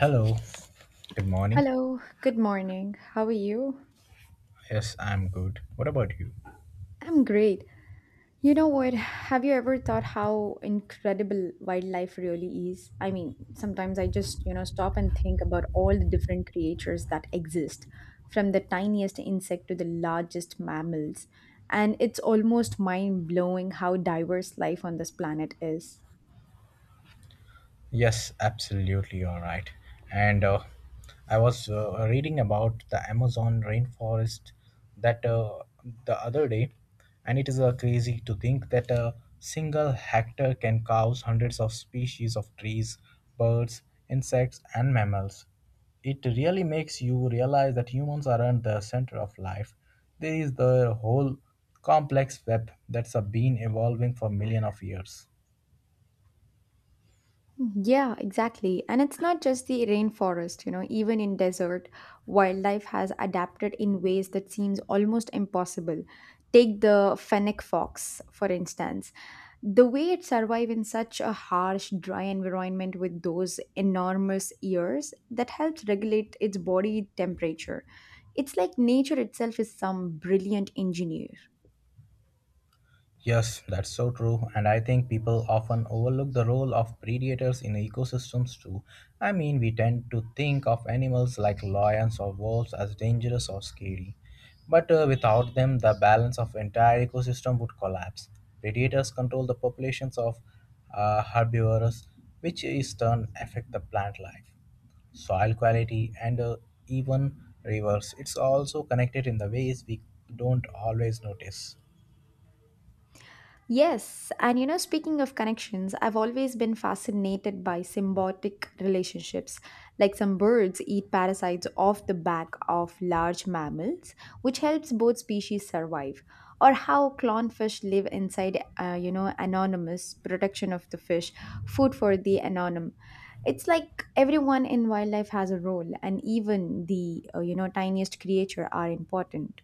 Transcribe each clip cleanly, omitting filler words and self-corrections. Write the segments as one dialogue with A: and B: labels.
A: Hello. Good morning.
B: Hello, good morning. How are you?
A: Yes, I'm good. What about you?
B: I'm great. You know what? Have you ever thought how incredible wildlife really is? I mean, sometimes I just, you know, stop and think about all the different creatures that exist, from the tiniest insect to the largest mammals. And it's almost mind blowing how diverse life on this planet is.
A: Yes, absolutely, you're right. And I was reading about the Amazon rainforest that the other day, and it is crazy to think that a single hectare can house hundreds of species of trees, birds, insects, and mammals. It really makes you realize that humans aren't the center of life. There is the whole complex web that's been evolving for millions of years.
B: Yeah, exactly. And it's not just the rainforest, you know, even in desert, wildlife has adapted in ways that seems almost impossible. Take the fennec fox, for instance. The way it survives in such a harsh, dry environment with those enormous ears that helps regulate its body temperature. It's like nature itself is some brilliant engineer.
A: Yes, that's so true. And I think people often overlook the role of predators in ecosystems too. I mean, we tend to think of animals like lions or wolves as dangerous or scary. But without them, the balance of entire ecosystem would collapse. Predators control the populations of herbivores, which is turn affect the plant life soil quality and even rivers. It's also connected in the ways we don't always notice.
B: Yes, and you know, speaking of connections, I've always been fascinated by symbiotic relationships. Like some birds eat parasites off the back of large mammals, which helps both species survive. Or how clownfish live inside, you know, anonymous protection of the fish, food for the anonym. It's like everyone in wildlife has a role, and even the, you know, tiniest creature are important.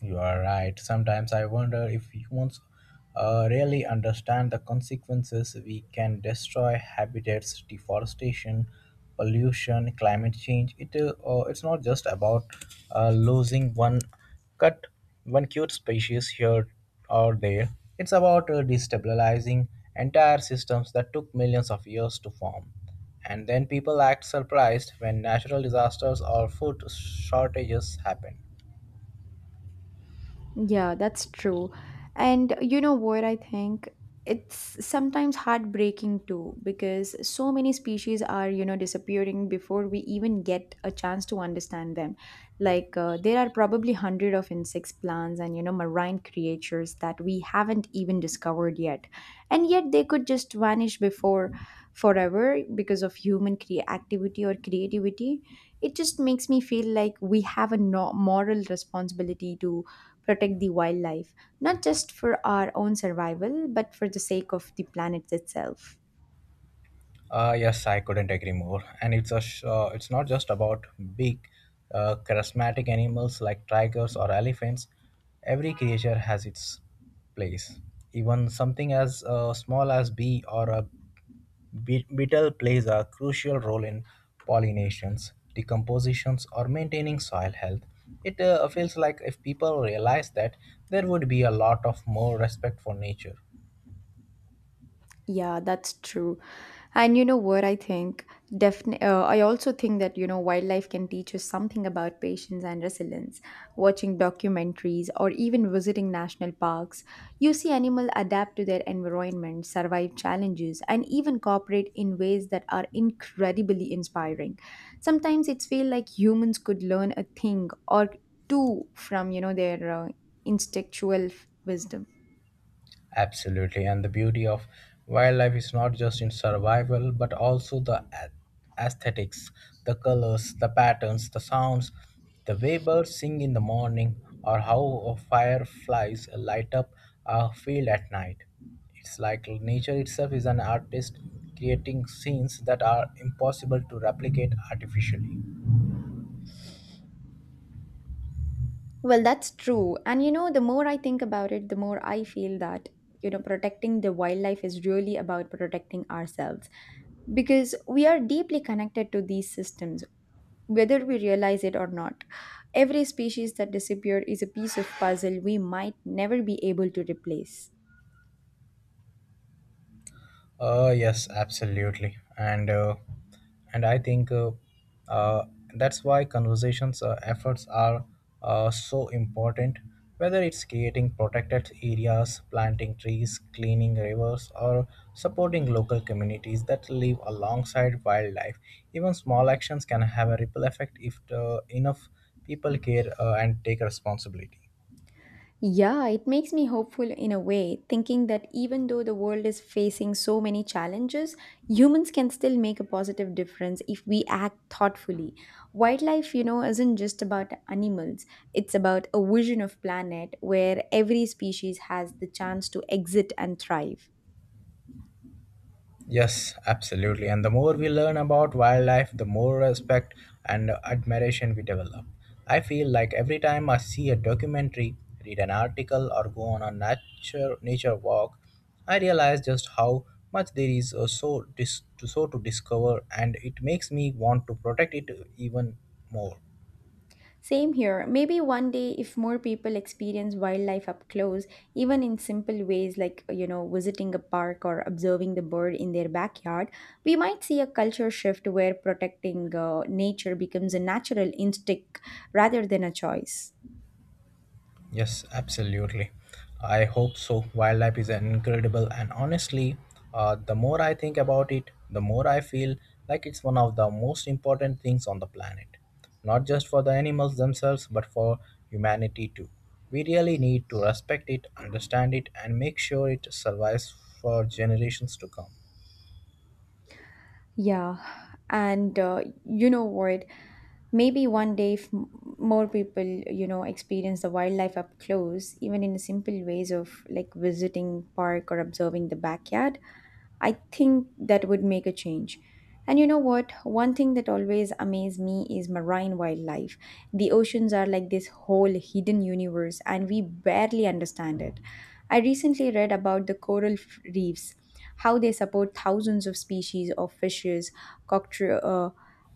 A: You are right. Sometimes I wonder if humans really understand the consequences we can destroy habitats, deforestation, pollution, climate change. It's not just about losing cut one cute species here or there. It's about destabilizing entire systems that took millions of years to form. And then people act surprised when natural disasters or food shortages happen.
B: Yeah, that's true. And you know what I think? It's sometimes heartbreaking too because so many species are, you know, disappearing before we even get a chance to understand them. Like there are probably hundred of insects, plants, and you know, marine creatures that we haven't even discovered yet. And yet they could just vanish before forever because of activity or creativity. It just makes me feel like we have a moral responsibility to protect the wildlife, not just for our own survival, but for the sake of the planet itself.
A: Yes, I couldn't agree more. And it's not just about big, charismatic animals like tigers or elephants. Every creature has its place. Even something as small as bee or a beetle plays a crucial role in pollinations, decompositions, or maintaining soil health. It feels like if people realize that, there would be a lot of more respect for nature.
B: Yeah, that's true. And you know what I think? Definitely, I also think that you know wildlife can teach us something about patience and resilience. Watching documentaries or even visiting national parks, you see animals adapt to their environment, survive challenges, and even cooperate in ways that are incredibly inspiring. Sometimes it's feel like humans could learn a thing or two from you know their wisdom.
A: Absolutely. And the beauty of wildlife is not just in survival, but also the aesthetics, the colors, the patterns, the sounds, the way birds sing in the morning, or how fireflies light up a field at night. It's like nature itself is an artist creating scenes that are impossible to replicate artificially.
B: Well, that's true. And you know, the more I think about it, the more I feel that, you know, protecting the wildlife is really about protecting ourselves because we are deeply connected to these systems, whether we realize it or not. Every species that disappeared is a piece of puzzle we might never be able to replace.
A: Yes, absolutely, and I think uh, that's why conversations efforts are so important. Whether it's creating protected areas, planting trees, cleaning rivers, or supporting local communities that live alongside wildlife, even small actions can have a ripple effect if enough people care and take responsibility.
B: Yeah, it makes me hopeful in a way, thinking that even though the world is facing so many challenges, humans can still make a positive difference if we act thoughtfully. Wildlife, you know, isn't just about animals, it's about a vision of planet where every species has the chance to exit and thrive.
A: Yes, absolutely. And the more we learn about wildlife, the more respect and admiration we develop. I feel like every time I see a documentary, read an article, or go on a nature walk, I realize just how much there is to discover, and it makes me want to protect it even more.
B: Same here. Maybe one day, if more people experience wildlife up close, even in simple ways like, you know, visiting a park or observing the bird in their backyard, we might see a culture shift where protecting nature becomes a natural instinct rather than a choice.
A: Yes, absolutely. I hope so. Wildlife is incredible, and honestly, the more I think about it, the more I feel like it's one of the most important things on the planet. Not just for the animals themselves, but for humanity too. We really need to respect it, understand it, and make sure it survives for generations to come.
B: Yeah. And you know what? Maybe one day, if m- more people, you know, experience the wildlife up close, even in simple ways of like visiting park or observing the backyard, I think that would make a change. And you know what? One thing that always amazed me is marine wildlife. The oceans are like this whole hidden universe, and we barely understand it. I recently read about the reefs, how they support thousands of species of fishes, cocktro- uh,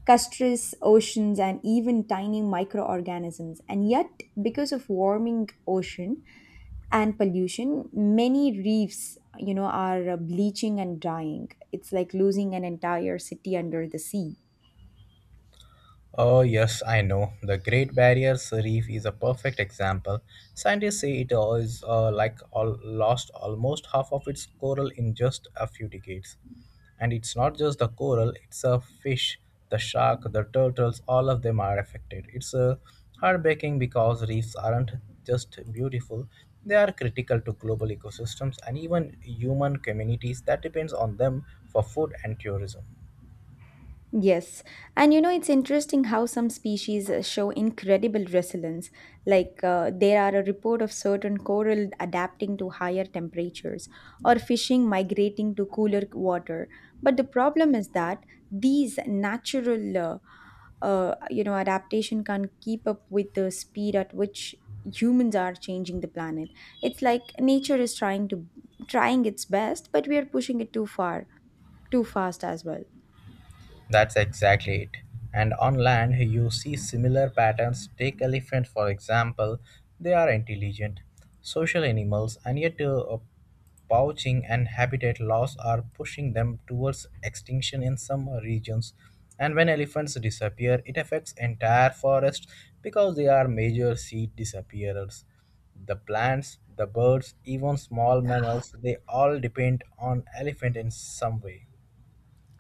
B: castries, oceans, and even tiny microorganisms. And yet, because of warming ocean, and pollution, many reefs, you know, are bleaching and dying. It's like losing an entire city under the sea.
A: Oh, yes, I know. The Great Barrier Reef is a perfect example. Scientists say it all is like all, lost almost half of its coral in just a few decades. And it's not just the coral, it's a fish, the shark, the turtles, all of them are affected. It's heartbreaking because reefs aren't just beautiful, they are critical to global ecosystems and even human communities that depends on them for food and tourism.
B: Yes, and you know, it's interesting how some species show incredible resilience. Like there are a report of certain coral adapting to higher temperatures, or fishing migrating to cooler water. But the problem is that these natural you know, adaptation can't keep up with the speed at which humans are changing the planet. It's like nature is trying its best, but we are pushing it too far, too fast as well.
A: That's exactly it. And on land, you see similar patterns. Take elephant for example. They are intelligent, social animals, and yet poaching and habitat loss are pushing them towards extinction in some regions. And when elephants disappear, it affects entire forests because they are major seed disappearers. The plants, the birds, even small mammals, they all depend on elephant in some way.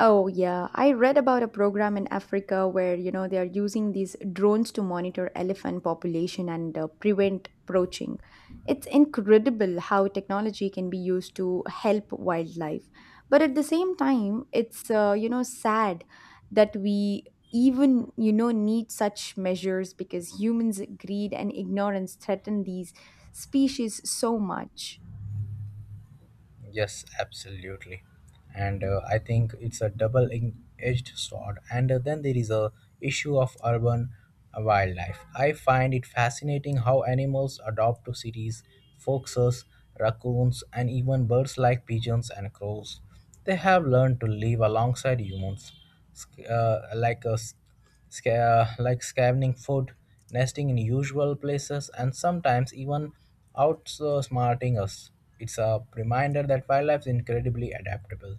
B: Oh, yeah. I read about a program in Africa where, you know, they are using these drones to monitor elephant population and prevent poaching. It's incredible how technology can be used to help wildlife. But at the same time, it's, you know, sad that we even, you know, need such measures because humans' greed and ignorance threaten these species so much.
A: Yes, absolutely. And I think it's a double edged sword. And then there is a issue of urban wildlife. I find it fascinating how animals adapt to cities, foxes, raccoons, and even birds like pigeons and crows. They have learned to live alongside humans, like us like scavenging food, nesting in usual places, and sometimes even outsmarting us. It's a reminder that wildlife is incredibly adaptable,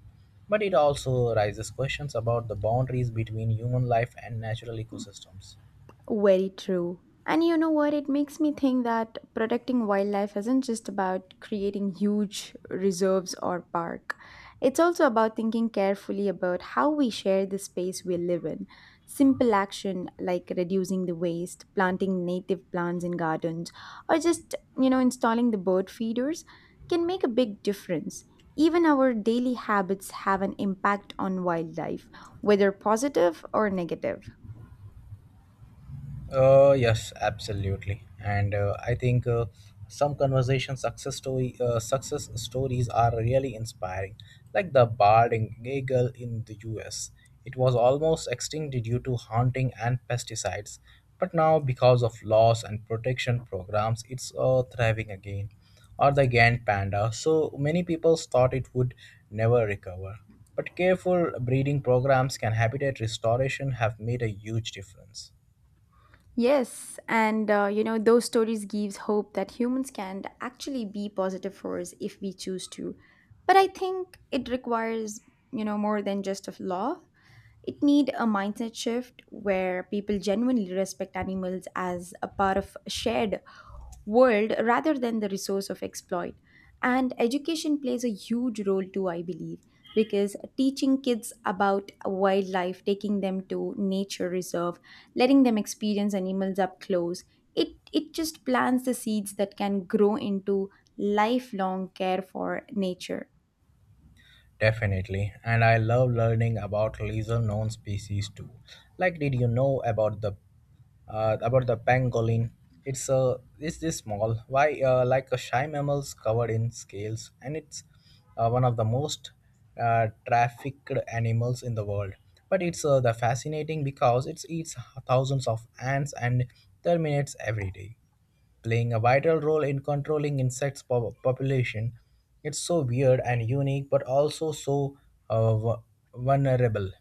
A: but it also raises questions about the boundaries between human life and natural ecosystems.
B: Very true. And you know what? It makes me think that protecting wildlife isn't just about creating huge reserves or park. It's also about thinking carefully about how we share the space we live in. Simple action like reducing the waste, planting native plants in gardens, or just, you know, installing the bird feeders can make a big difference. Even our daily habits have an impact on wildlife, whether positive or negative.
A: Yes, absolutely. And I think some success stories are really inspiring, like the bard in Gagel in the U.S. It was almost extinct due to hunting and pesticides, but now because of laws and protection programs, it's thriving again. Or the Gant panda. So many people thought it would never recover, but careful breeding programs and habitat restoration have made a huge difference.
B: Yes, and you know, those stories gives hope that humans can actually be positive force if we choose to. But I think it requires, you know, more than just a law. It need a mindset shift where people genuinely respect animals as a part of shared world rather than the resource of exploit. And education plays a huge role too, I believe, because teaching kids about wildlife, taking them to nature reserve, letting them experience animals up close, it just plants the seeds that can grow into lifelong care for nature.
A: Definitely, and I love learning about lesser known species too. Like, did you know about the pangolin? It's this small, why like a shy mammals covered in scales, and it's one of the most trafficked animals in the world. But it's the fascinating because it eats thousands of ants and termites every day playing a vital role in controlling insects population. It's so weird and unique, but also so uh, vu- vulnerable.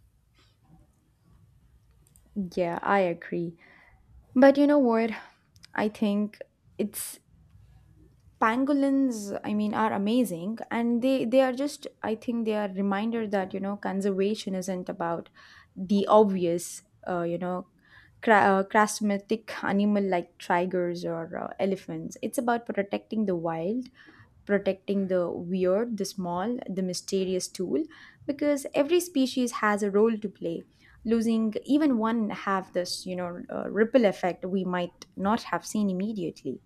B: Yeah, I agree. But you know what? I think it's pangolins, I mean, are amazing, and they are just, I think they are reminder that, you know, conservation isn't about the obvious, you know, charismatic animal like tigers or elephants. It's about protecting the weird, the small, the mysterious tool, because every species has a role to play. Losing even one have this, you know, ripple effect we might not have seen immediately.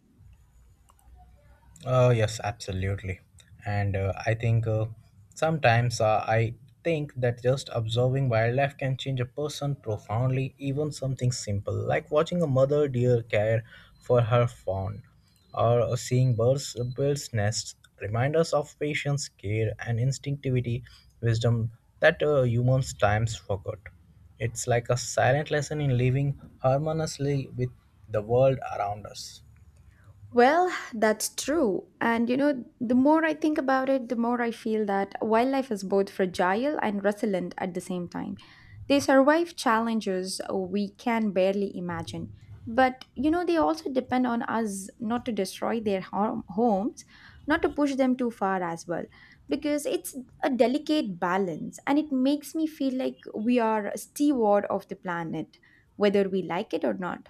A: Yes, absolutely. And I think sometimes I think that just observing wildlife can change a person profoundly, even something simple like watching a mother deer care for her fawn or seeing birds' nests remind us of patience, care, and instinctivity, wisdom that humans times forgot. It's like a silent lesson in living harmoniously with the world around us.
B: Well, that's true. And you know, the more I think about it, the more I feel that wildlife is both fragile and resilient at the same time. They survive challenges we can barely imagine. But you know, they also depend on us not to destroy their homes, not to push them too far as well, because it's a delicate balance, and it makes me feel like we are a steward of the planet, whether we like it or not.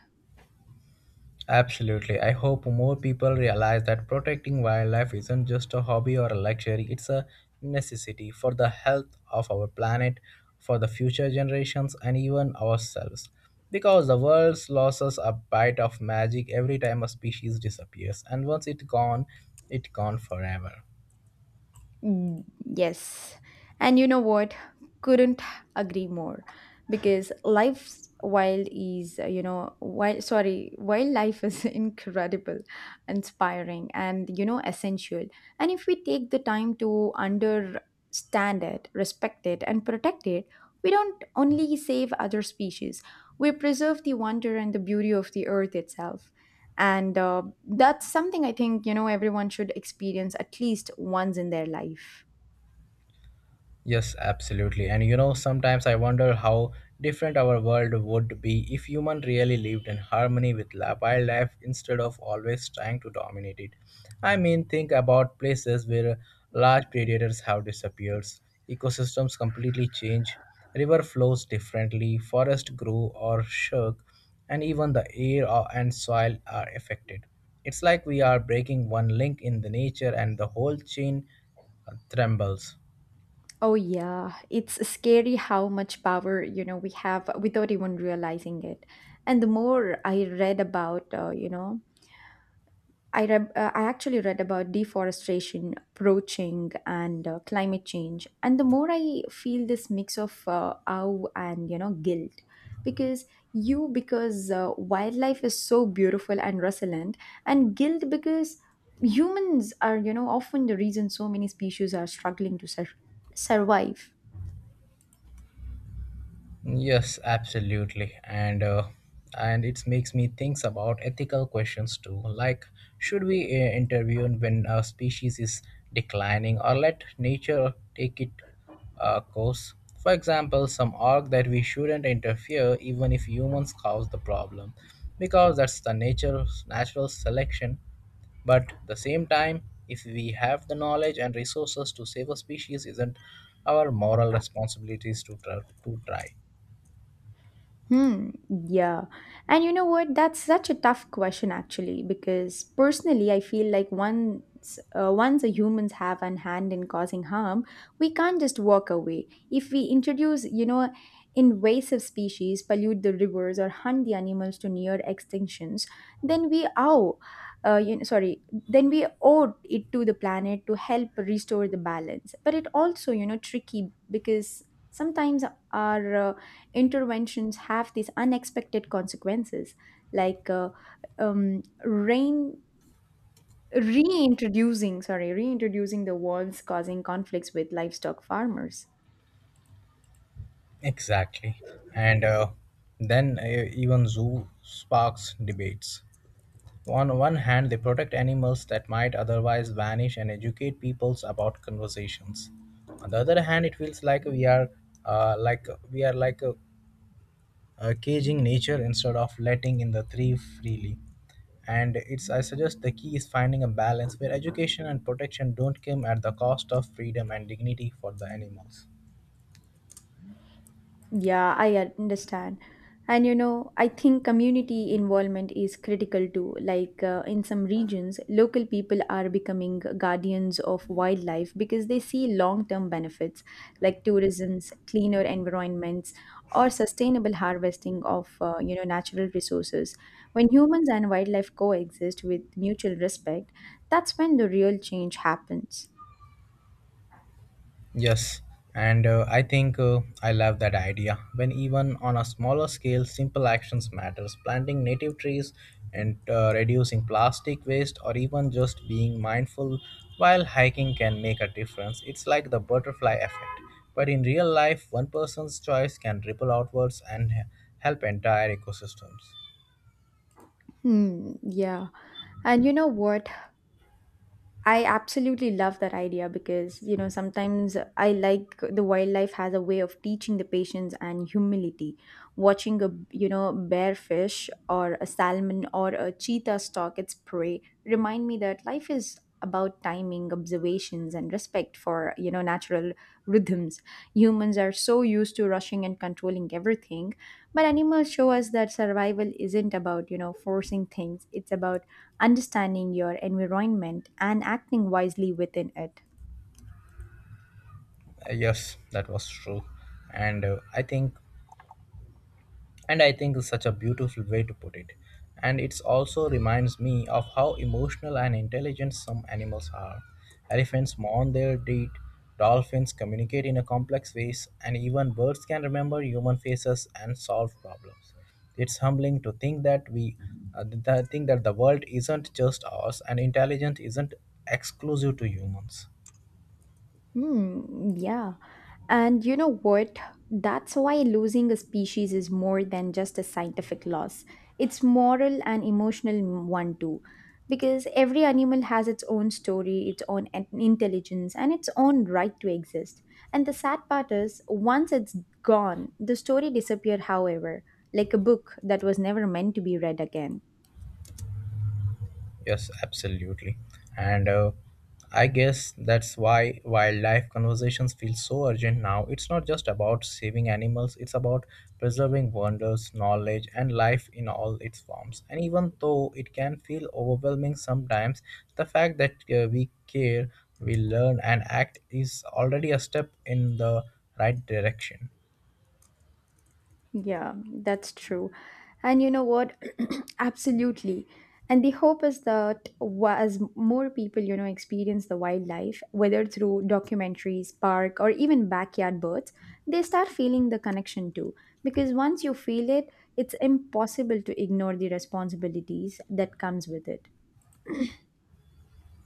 A: Absolutely. I hope more people realize that protecting wildlife isn't just a hobby or a luxury, it's a necessity for the health of our planet, for the future generations, and even ourselves. Because the world loses a bite of magic every time a species disappears, and once it's gone forever.
B: Mm, yes. And you know what? Couldn't agree more because life's wild is, you know, wild, sorry, wildlife is incredible, inspiring, and, you know, essential. And if we take the time to understand it, respect it, and protect it, we don't only save other species, we preserve the wonder and the beauty of the earth itself. And that's something, I think, you know, everyone should experience at least once in their life.
A: Yes, absolutely. And you know, sometimes I wonder how different our world would be if human really lived in harmony with wildlife instead of always trying to dominate it. I mean, think about places where large predators have disappeared, ecosystems completely change, river flows differently, forest grow or shrink, and even the air and soil are affected. It's like we are breaking one link in the nature and the whole chain trembles.
B: Oh yeah, it's scary how much power, you know, we have without even realizing it. And the more I read about you know, I actually read about deforestation, poaching, and climate change. And the more I feel this mix of awe and, you know, guilt, because you because wildlife is so beautiful and resilient, and guilt because humans are, you know, often the reason so many species are struggling to survive.
A: Yes, absolutely. And it makes me think about ethical questions too, like should we intervene when a species is declining or let nature take it course? For example, some argue that we shouldn't interfere even if humans cause the problem, because that's the nature natural selection. But the same time, if we have the knowledge and resources to save a species, isn't our moral responsibilities to try?
B: Hmm, yeah. And you know what? That's such a tough question, actually, because personally I feel like once the humans have an hand in causing harm, we can't just walk away. If we introduce, you know, invasive species, pollute the rivers, or hunt the animals to near extinctions, then we owe you know, sorry, then we owe it to the planet to help restore the balance. But it also, you know, tricky because sometimes our interventions have these unexpected consequences like rain reintroducing sorry, reintroducing the walls, causing conflicts with livestock farmers.
A: Exactly. And then even zoo sparks debates. On one hand, they protect animals that might otherwise vanish and educate peoples about conversations. On the other hand, it feels like we are uh, like we are like uh, caging nature instead of letting in the tree freely. And it's I suggest the key is finding a balance where education and protection don't come at the cost of freedom and dignity for the animals.
B: Yeah, I understand. And you know, I think community involvement is critical too. Like in some regions, local people are becoming guardians of wildlife because they see long term benefits like tourism, cleaner environments, or sustainable harvesting of, you know, natural resources. When humans and wildlife coexist with mutual respect, that's when the real change happens.
A: Yes, and I think I love that idea. When even on a smaller scale, simple actions matters. Planting native trees and reducing plastic waste, or even just being mindful while hiking, can make a difference. It's like the butterfly effect, but in real life, one person's choice can ripple outwards and help entire ecosystems.
B: Hmm, yeah. And you know what? I absolutely love that idea because, you know, sometimes I like the wildlife has a way of teaching the patience and humility. Watching a, you know, bear fish, or a salmon, or a cheetah stalk its prey remind me that life is about timing, observations, and respect for, you know, natural rhythms. Humans are so used to rushing and controlling everything, but animals show us that survival isn't about, you know, forcing things. It's about understanding your environment and acting wisely within it.
A: Yes, that was true, and uh, I think and I think it's such a beautiful way to put it. And it also reminds me of how emotional and intelligent some animals are. Elephants mourn their dead, dolphins communicate in a complex ways, and even birds can remember human faces and solve problems. It's humbling to think that we think that the world isn't just ours and intelligence isn't exclusive to humans.
B: Hmm, yeah. And you know what? That's why losing a species is more than just a scientific loss. It's moral and emotional one too. Because every animal has its own story, its own intelligence, and its own right to exist. And the sad part is, once it's gone, the story disappeared, however, like a book that was never meant to be read again.
A: Yes, absolutely. And I guess that's why wildlife conversations feel so urgent now. It's not just about saving animals, it's about preserving wonders, knowledge, and life in all its forms. And even though it can feel overwhelming sometimes, the fact that we care, we learn, and act is already a step in the right direction.
B: Yeah, that's true. And you know what? Absolutely. And the hope is that as more people, experience the wildlife, whether through documentaries, park, or even backyard birds, they start feeling the connection too. Because once you feel it, it's impossible to ignore the responsibilities that comes with it.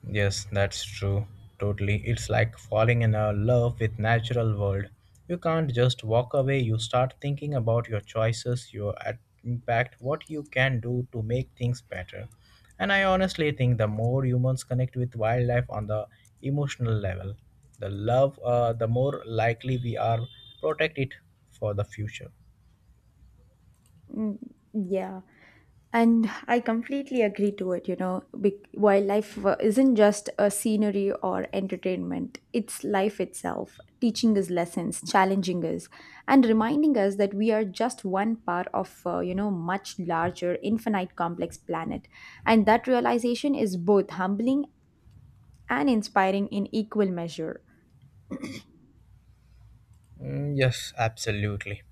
A: Yes, that's true. Totally. It's like falling in a love with natural world. You can't just walk away. You start thinking about your choices, your impact, what you can do to make things better. And I honestly think the more humans connect with wildlife on the emotional level, the more likely we are protect it for the future.
B: Mm, yeah. And I completely agree to it, wildlife isn't just a scenery or entertainment, it's life itself, teaching us lessons, challenging us, and reminding us that we are just one part of, much larger, infinite, complex planet. And that realization is both humbling and inspiring in equal measure.
A: Mm, yes, absolutely.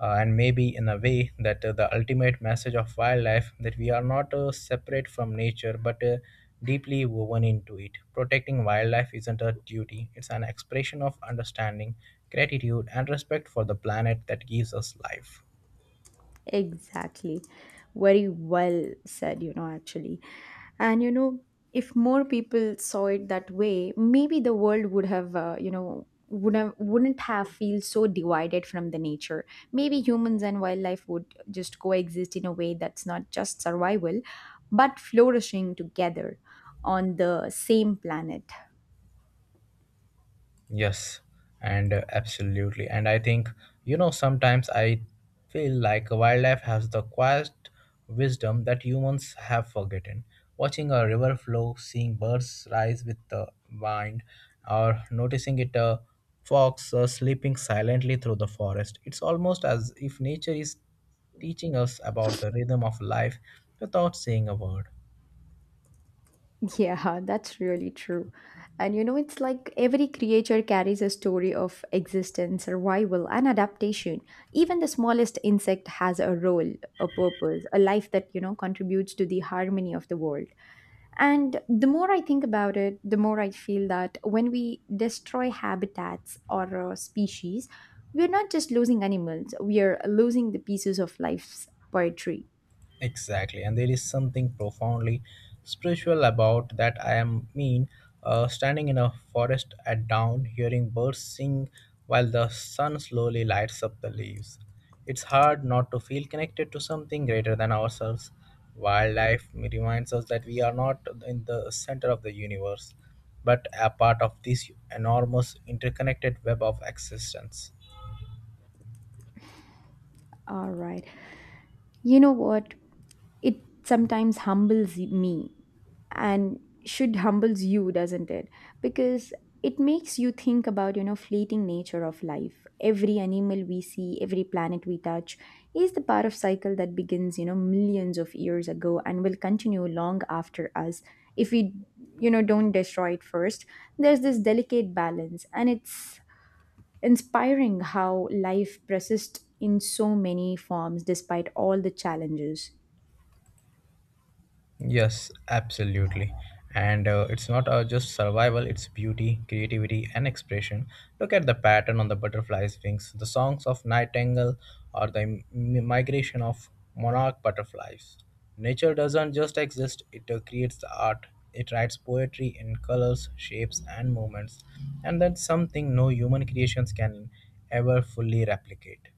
A: And maybe in a way that the ultimate message of wildlife that we are not separate from nature but deeply woven into it. Protecting wildlife isn't a duty, it's an expression of understanding, gratitude, and respect for the planet that gives us life.
B: Exactly. Very well said, actually. And if more people saw it that way, maybe the world would have, wouldn't have feel so divided from the nature. Maybe humans and wildlife would just coexist in a way that's not just survival, but flourishing together on the same planet.
A: Yes, and absolutely. And I think, you know, sometimes I feel like wildlife has the quiet wisdom that humans have forgotten. Watching a river flow, seeing birds rise with the wind, or noticing it a fox sleeping silently through the forest. It's almost as if nature is teaching us about the rhythm of life without saying a word.
B: Yeah, that's really true. And you know, it's like every creature carries a story of existence, survival, and adaptation. Even the smallest insect has a role, a purpose, a life that, contributes to the harmony of the world. And the more I think about it, the more I feel that when we destroy habitats or species, we're not just losing animals, we are losing the pieces of life's poetry.
A: Exactly, and there is something profoundly spiritual about that. I am mean, standing in a forest at dawn, hearing birds sing while the sun slowly lights up the leaves. It's hard not to feel connected to something greater than ourselves. Wildlife reminds us that we are not in the center of the universe, but a part of this enormous interconnected web of existence.
B: All right. You know what? It sometimes humbles me and should humbles you, doesn't it? Because it makes you think about, fleeting nature of life. Every animal we see, every planet we touch is the part of cycle that begins, millions of years ago and will continue long after us, if we, don't destroy it first. There's this delicate balance, and it's inspiring how life persists in so many forms despite all the challenges.
A: Yes, absolutely. And it's not just survival, it's beauty, creativity, and expression. Look at the pattern on the butterfly's wings, the songs of nightingale, or the migration of monarch butterflies. Nature doesn't just exist, it creates the art. It writes poetry in colors, shapes, and movements. And that's something no human creations can ever fully replicate.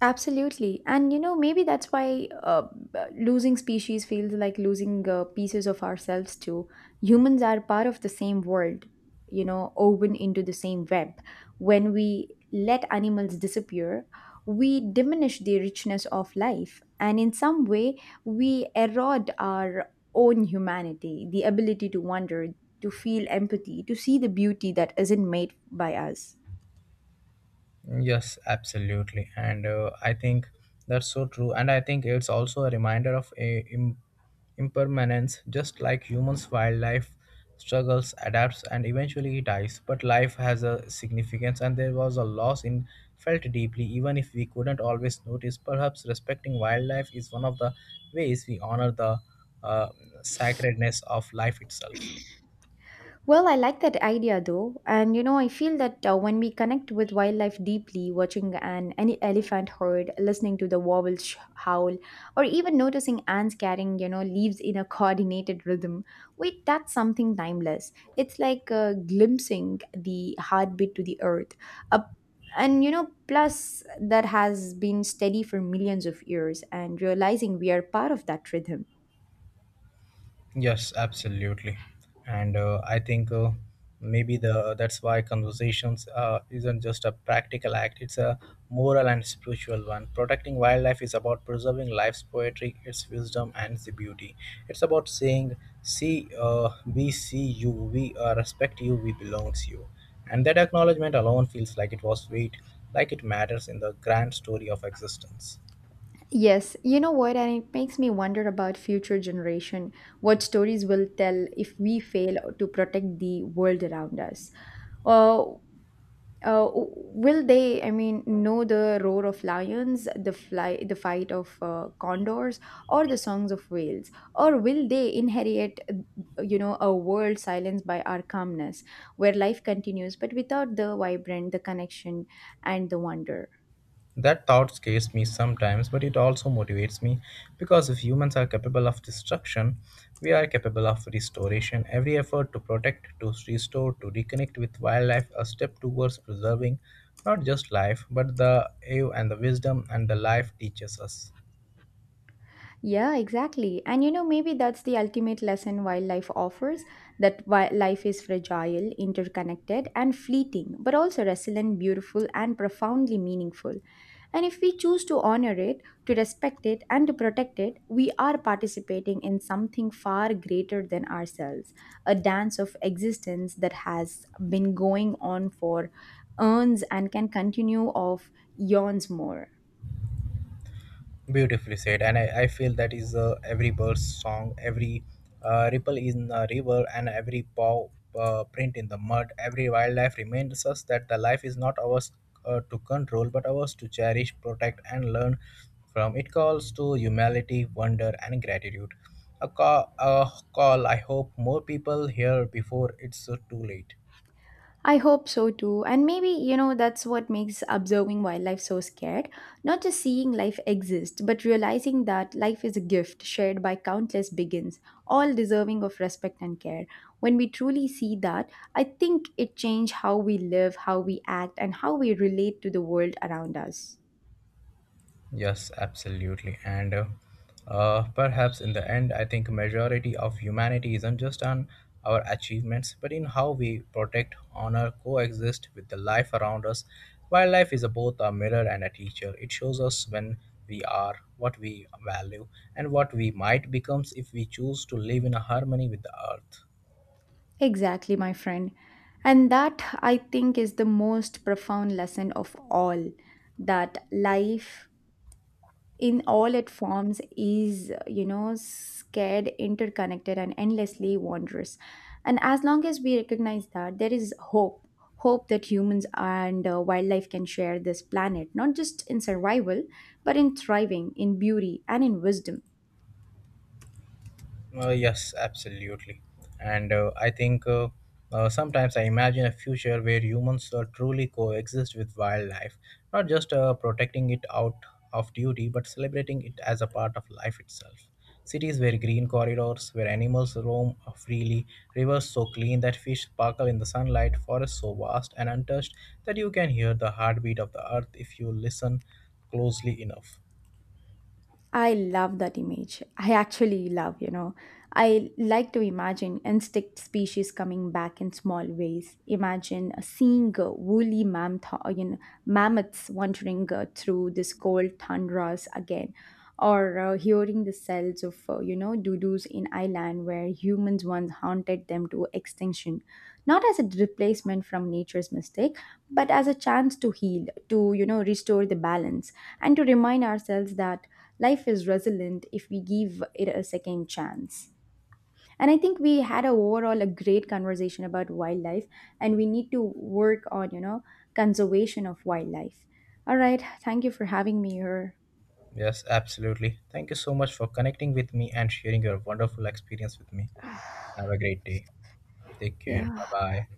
B: Absolutely. And you know, maybe that's why losing species feels like losing pieces of ourselves too. Humans are part of the same world, woven into the same web. When we let animals disappear, we diminish the richness of life. And in some way, we erode our own humanity, the ability to wonder, to feel empathy, to see the beauty that isn't made by us.
A: Yes, absolutely. And I think that's so true. And I think it's also a reminder of a impermanence, just like humans, wildlife struggles, adapts, and eventually it dies. But life has a significance, and there was a loss in felt deeply, even if we couldn't always notice. Perhaps respecting wildlife is one of the ways we honor the uh, sacredness of life itself.
B: Well, I like that idea though. And you know, I feel that when we connect with wildlife deeply, watching an any elephant herd, listening to the howl, or even noticing ants carrying, leaves in a coordinated rhythm, wait, that's something timeless. It's like glimpsing the heartbeat to the earth. A and you know, plus that has been steady for millions of years, and realizing we are part of that rhythm.
A: Yes, absolutely, and I think maybe the that's why conversations isn't just a practical act; it's a moral and spiritual one. Protecting wildlife is about preserving life's poetry, its wisdom, and the beauty. It's about saying, "See, we see you, we respect you, we belongs you," and that acknowledgement alone feels like it was weight, like it matters in the grand story of existence.
B: Yes, you know what, and it makes me wonder about future generation, what stories will tell if we fail to protect the world around us. Uh, will they, I mean, know the roar of lions, the fight of condors, or the songs of whales? Or will they inherit, a world silenced by our calmness, where life continues but without the vibrant, the connection, and the wonder?
A: That thought scares me sometimes, but it also motivates me because if humans are capable of destruction, we are capable of restoration. Every effort to protect, to restore, to reconnect with wildlife, a step towards preserving not just life, but the awe and the wisdom and the life teaches us.
B: Yeah, exactly. And you know, maybe that's the ultimate lesson wildlife offers, that life is fragile, interconnected, and fleeting, but also resilient, beautiful, and profoundly meaningful. And if we choose to honor it, to respect it, and to protect it, we are participating in something far greater than ourselves, a dance of existence that has been going on for eons and can continue of eons more.
A: Beautifully said, and I feel that is every bird's song, every ripple in the river, and every paw print in the mud. Every wildlife reminds us that the life is not ours to control, but ours to cherish, protect, and learn from. It calls to humility, wonder, and gratitude. A call I hope more people hear before it's too late.
B: I hope so too. And maybe, that's what makes observing wildlife so scared. Not just seeing life exist, but realizing that life is a gift shared by countless beings, all deserving of respect and care. When we truly see that, I think it changes how we live, how we act, and how we relate to the world around us.
A: Yes, absolutely. And perhaps in the end, I think majority of humanity isn't just on our achievements, but in how we protect, honor, coexist with the life around us. Wildlife is a, both a mirror and a teacher. It shows us when we are, what we value, and what we might become if we choose to live in a harmony with the earth.
B: Exactly, my friend. And that, I think, is the most profound lesson of all, that life in all its forms is, scared, interconnected, and endlessly wondrous. And as long as we recognize that, there is hope. Hope that humans and wildlife can share this planet, not just in survival, but in thriving, in beauty, and in wisdom.
A: Yes, absolutely. And I think sometimes I imagine a future where humans truly coexist with wildlife, not just protecting it out of duty, but celebrating it as a part of life itself. Cities where green corridors, where animals roam freely, rivers so clean that fish sparkle in the sunlight, forests so vast and untouched that you can hear the heartbeat of the earth if you listen closely enough.
B: I love that image. I actually love, I like to imagine insect species coming back in small ways. Imagine seeing woolly mammoth, you know, mammoths wandering through this cold tundras again, or hearing the cells of, doodles in Ireland where humans once hunted them to extinction. Not as a replacement from nature's mistake, but as a chance to heal, to, restore the balance and to remind ourselves that life is resilient if we give it a second chance. And I think we had a overall a great conversation about wildlife, and we need to work on, conservation of wildlife. All right, thank you for having me here.
A: Yes, absolutely. Thank you so much for connecting with me and sharing your wonderful experience with me. Have a great day. Take care.
B: Yeah.
A: Bye bye.